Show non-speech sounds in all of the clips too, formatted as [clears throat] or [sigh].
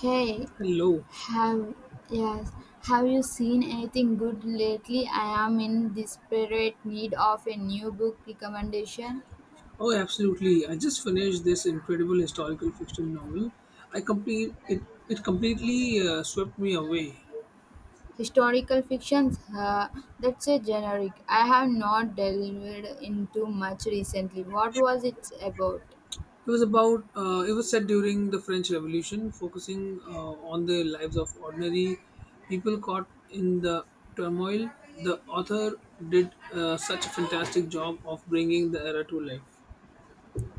Hey, Hello. have yes, have you seen anything good lately? I am in desperate need of a new book recommendation. Oh, absolutely. I just finished this incredible historical fiction novel. I complete it. It completely swept me away. Historical fictions, that's a generic. I have not delved into much recently. What was it about? It was about. It was set during the French Revolution, focusing on the lives of ordinary people caught in the turmoil. The author did such a fantastic job of bringing the era to life.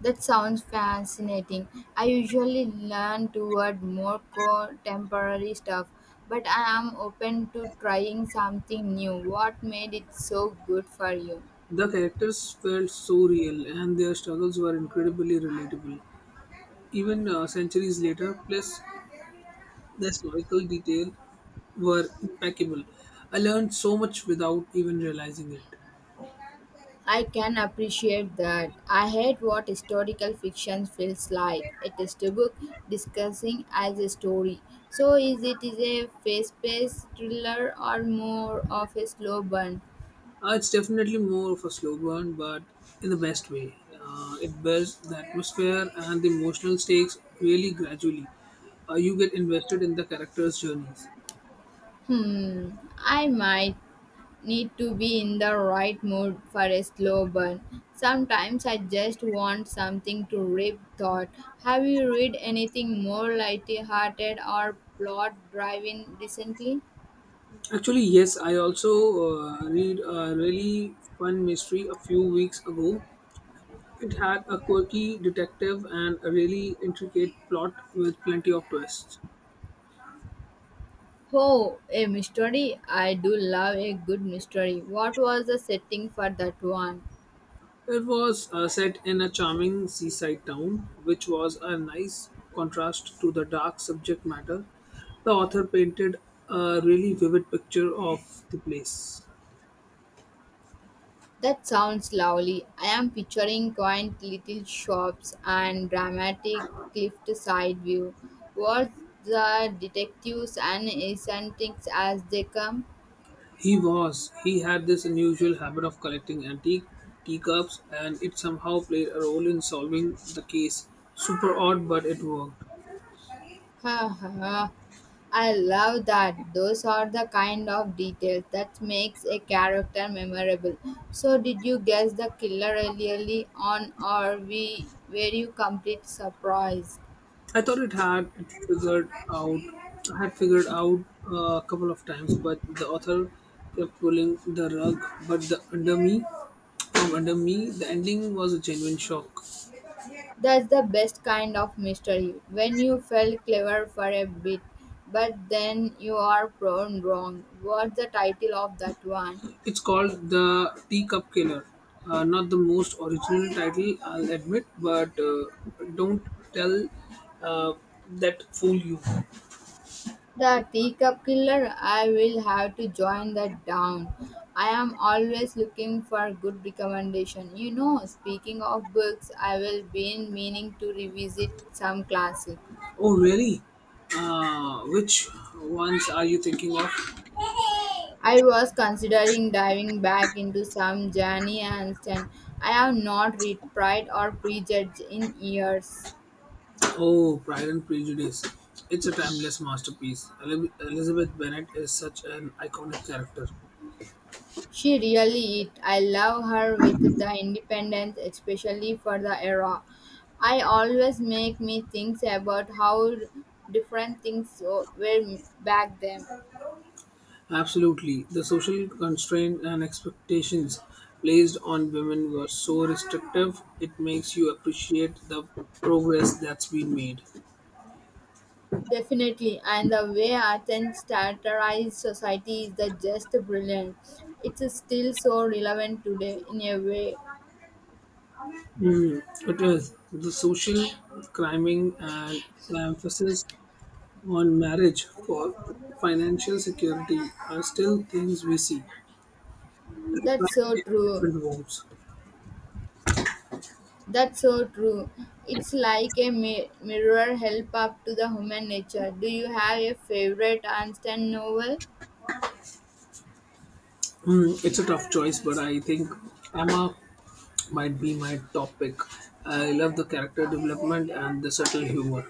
That sounds fascinating. I usually learn toward more contemporary stuff, but I am open to trying something new. What made it so good for you? The characters felt so real, and their struggles were incredibly relatable even centuries later. Plus, the historical detail were impeccable. I learned so much without even realizing it. I can appreciate that. I hate what historical fiction feels like. It is a book discussing as a story. So is it is a fast-paced thriller or more of a slow burn? It's definitely more of a slow burn, but in the best way. It builds the atmosphere and the emotional stakes really gradually. You get invested in the characters' journeys. Hmm, I might need to be in the right mood for a slow burn. Sometimes I just want something to rip thought. Have you read anything more lighty-hearted or plot-driven recently? Actually, yes, I also read a really fun mystery a few weeks ago. It had a quirky detective and a really intricate plot with plenty of twists. Oh, a mystery. I do love a good mystery. What was the setting for that one? It was set in a charming seaside town, which was a nice contrast to the dark subject matter. The author painted a really vivid picture of the place. That sounds lovely. I am picturing quaint little shops and dramatic cliffed side view. What's the detectives and eccentrics as they come? He had this unusual habit of collecting antique teacups, and it somehow played a role in solving the case. Super odd, but it worked. Ha ha. I love that. Those are the kind of details that makes a character memorable. So did you guess the killer early on or we were you complete surprised? I thought it had it figured out Had figured out a couple of times, but the author kept pulling the rug. But the under me from under me, the ending was a genuine shock. That's the best kind of mystery. When you felt clever for a bit, but then you are prone wrong. What's the title of that one? It's called The Teacup Killer. Not the most original title, I'll admit, but don't tell uh, that fool you. The teacup killer, I will have to join that down. I am always looking for good recommendation. You know, speaking of books, I will been meaning to revisit some classic. Oh, really? Which ones are you thinking of? I was considering diving back into some Jani Anston. I have not read Pride or Prejudice in years. Oh, Pride and Prejudice. It's a timeless masterpiece. Elizabeth Bennet is such an iconic character. She really is. I love her with the independence, especially for the era. I always make me think about how different things were back then. Absolutely. The social constraints and expectations placed on women were so restrictive, it makes you appreciate the progress that's been made. Definitely, and the way Athens satirized society is the just brilliant. It's still so relevant today in a way. Mm, it is the social climbing and the emphasis on marriage for financial security are still things we see, That's so in true. different homes. That's so true. It's like a mirror help up to the human nature. Do you have a favorite Einstein novel? Mm, it's a tough choice, but I think Emma might be my top pick. I love the character development and the subtle humor.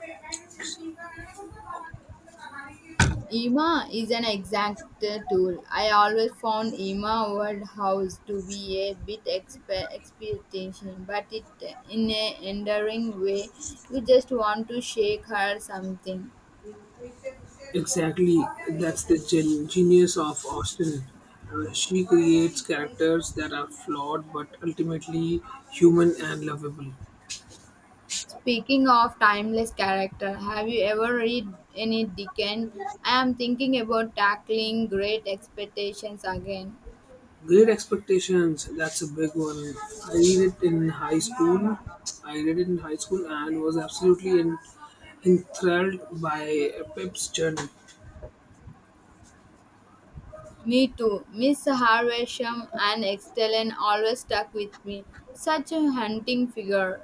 Ema is an exact tool. I always found Ema word house to be a bit expectation, but it in a endearing way. You just want to shake her something. Exactly, that's the genius of Austen. She creates characters that are flawed but ultimately human and lovable. Speaking of timeless character, have you ever read any Dickens? I am thinking about tackling great expectations again. Great Expectations, that's a big one. I read it in high school. I read it in high school and was absolutely enthralled by Pep's journey. Me too. Miss Havisham and Extellen always stuck with me. Such a hunting figure.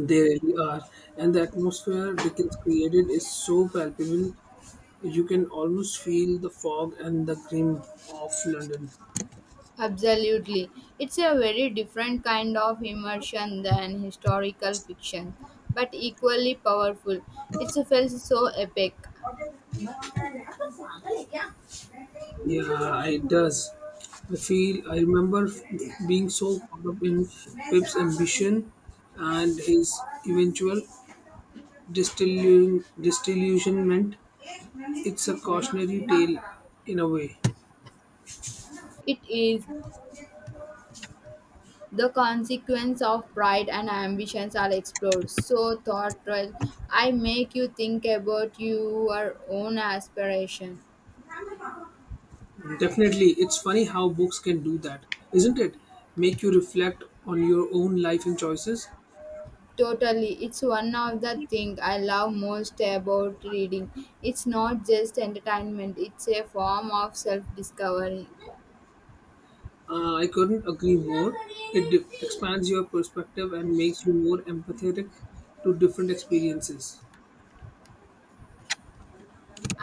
They really are. And the atmosphere Dickens created is so palpable. You can almost feel the fog and the grim of London. Absolutely. It's a very different kind of immersion than historical fiction, but equally powerful. It's a felt so epic. Yeah, it does. I feel I remember being so caught up in Pip's ambition and his eventual disillusionment. It's a cautionary tale in a way. It is the consequence of pride and ambitions are explored. So thoughtful. I make you think about your own aspiration. Definitely, it's funny how books can do that, isn't it? Make you reflect on your own life and choices. Totally. It's one of the things I love most about reading. It's not just entertainment, it's a form of self discovery. I couldn't agree more. It expands your perspective and makes you more empathetic to different experiences.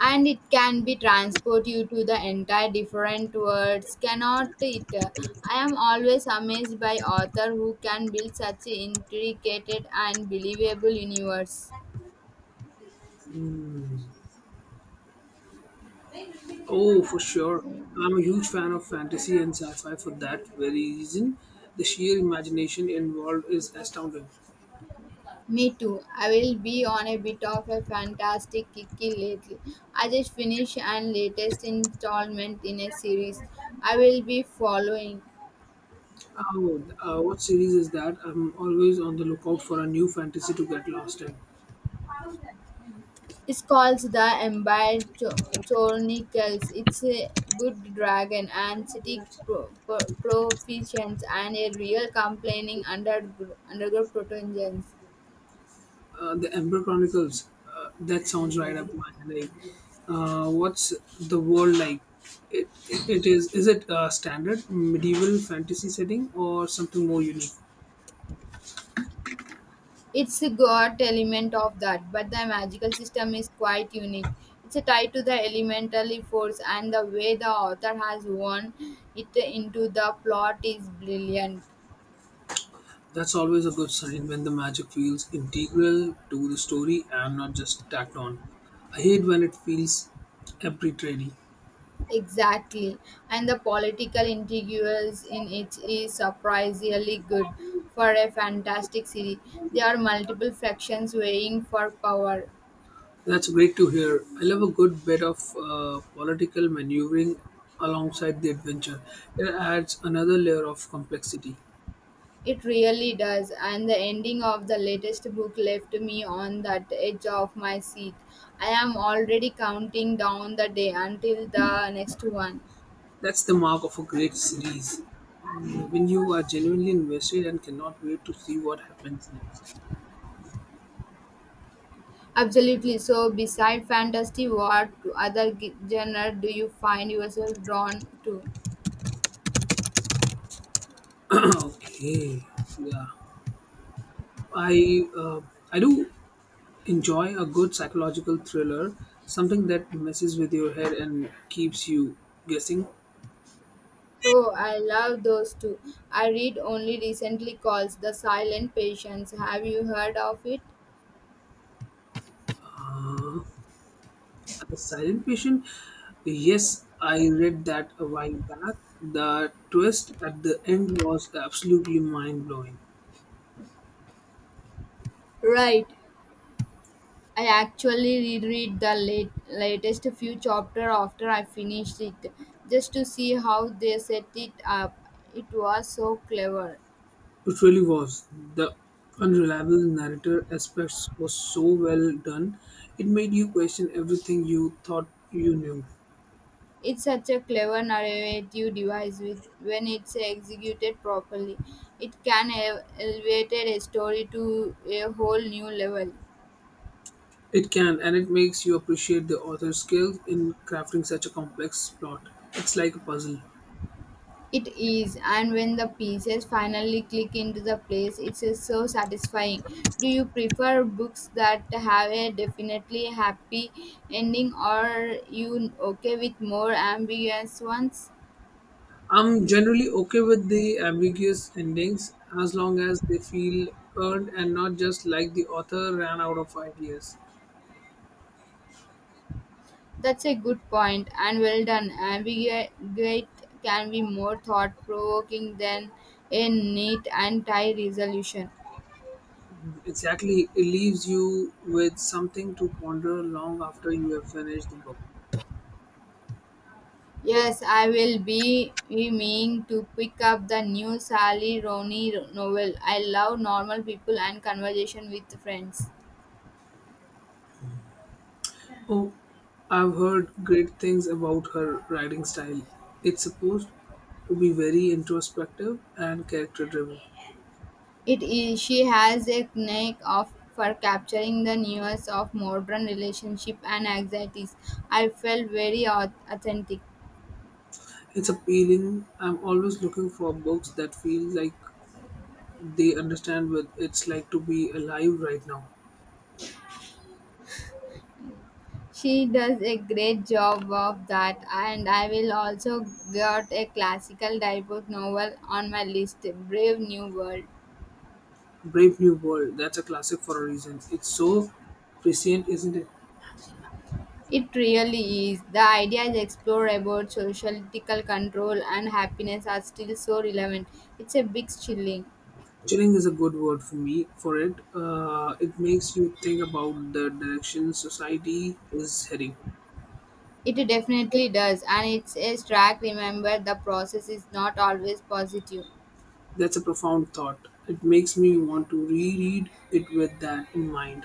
And it can be transport you to the entire different worlds cannot it. I am always amazed by author who can build such intricate and believable universe. Hmm. Oh, for sure. I'm a huge fan of fantasy and sci fi for that very reason. The sheer imagination involved is astounding. Me too. I will be on a bit of a fantastic kick lately. I just finished and latest installment in a series I will be following. Oh, what series is that? I'm always on the lookout for a new fantasy to get lost in. It's called the Empire Chronicles. It's a good dragon and city proficiency and a real complaining underground protogens. The Emperor Chronicles. That sounds right up my alley. Like, what's the world like? It is it a standard medieval fantasy setting or something more unique? It's got element of that, but the magical system is quite unique. It's tied to the elementary force, and the way the author has woven it into the plot is brilliant. That's always a good sign when the magic feels integral to the story and not just tacked on. I hate when it feels arbitrary. Exactly, and the political intrigues in it is surprisingly good for a fantastic city. There are multiple factions vying for power. That's great to hear. I love a good bit of political maneuvering alongside the adventure. It adds another layer of complexity. It really does, and the ending of the latest book left me on that edge of my seat. I am already counting down the day until the next one. That's the mark of a great series. When you are genuinely invested and cannot wait to see what happens next. Absolutely. So, beside fantasy, what other genre do you find yourself drawn to? [clears throat] Okay. Yeah. I uh, I do enjoy a good psychological thriller, something that messes with your head and keeps you guessing. Oh, I love those too. I read only recently calls The Silent Patients. Have you heard of it? Uh, the Silent Patient. Yes, I read that a while back. The twist at the end was absolutely mind blowing. Right. I actually reread the latest few chapters after I finished it just to see how they set it up. It was so clever. It really was. The unreliable narrator aspects was so well done. It made you question everything you thought you knew. It's such a clever narrative device with, when it's executed properly. It can elevate a story to a whole new level. It can, and it makes you appreciate the author's skill in crafting such a complex plot. It's like a puzzle. It is, and when the pieces finally click into the place, it's so satisfying. Do you prefer books that have a definitely happy ending, or you okay with more ambiguous ones? I'm generally okay with the ambiguous endings as long as they feel earned and not just like the author ran out of ideas. That's a good point, and well done. Ambiguous can be more thought provoking than a neat and tight resolution. Exactly, it leaves you with something to ponder long after you have finished the book. Yes, I will be meaning to pick up the new Sally Rooney novel. I love normal people and conversation with friends. Oh, I've heard great things about her writing style. It's supposed to be very introspective and character driven. It is she has a knack of for capturing the nuance of modern relationship and anxieties. I felt very authentic. It's appealing. I'm always looking for books that feel like they understand what it's like to be alive right now. She does a great job of that, and I will also got a classical debut novel on my list, Brave New World. Brave New World, that's a classic for a reason. It's so prescient, isn't it? It really is. The idea is explore about social ethical control and happiness are still so relevant. It's a big chilling. Chilling is a good word for me for it. It makes you think about the direction society is heading. It definitely does, and it's a strike. Remember, the process is not always positive. That's a profound thought. It makes me want to reread it with that in mind.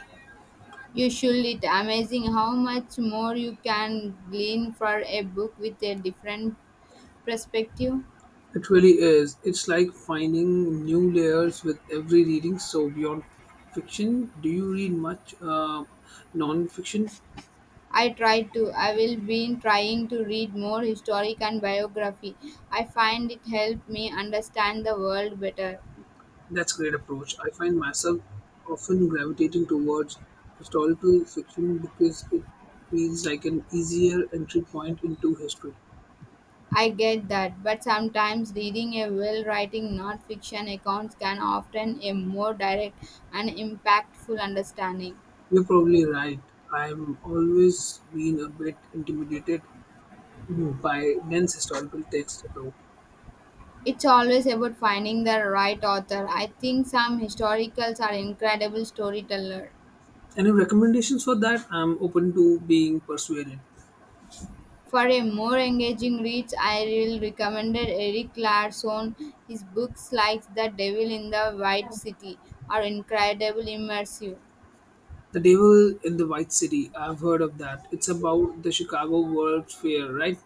You should. It amazing how much more you can glean for a book with a different perspective. It really is. It's like finding new layers with every reading. So, beyond fiction, do you read much non fiction? I try to. I will be trying to read more historic and biography. I find it helped me understand the world better. That's a great approach. I find myself often gravitating towards historical fiction because it feels like an easier entry point into history. I get that, but sometimes reading a well writing non fiction accounts can often a more direct and impactful understanding. You're probably right. I'm always been a bit intimidated, no, by dense historical text though. It's always about finding the right author. I think some historicals are incredible storyteller. Any recommendations for that? I'm open to being persuaded. For a more engaging read, I will recommend Eric Larson. His books like The Devil in the White City are incredibly immersive. The Devil in the White City. I've heard of that. It's about the Chicago World's Fair, right?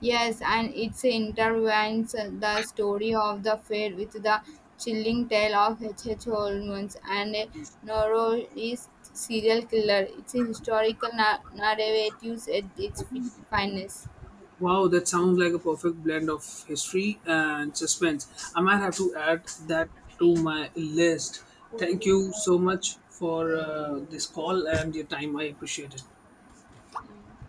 Yes, and it intertwines the story of the fair with the chilling tale of H. H. Holmes and a notorious serial killer. It's a historical narrative at its finest. Wow, that sounds like a perfect blend of history and suspense. I might have to add that to my list. Thank you so much for this call and your time. I appreciate it.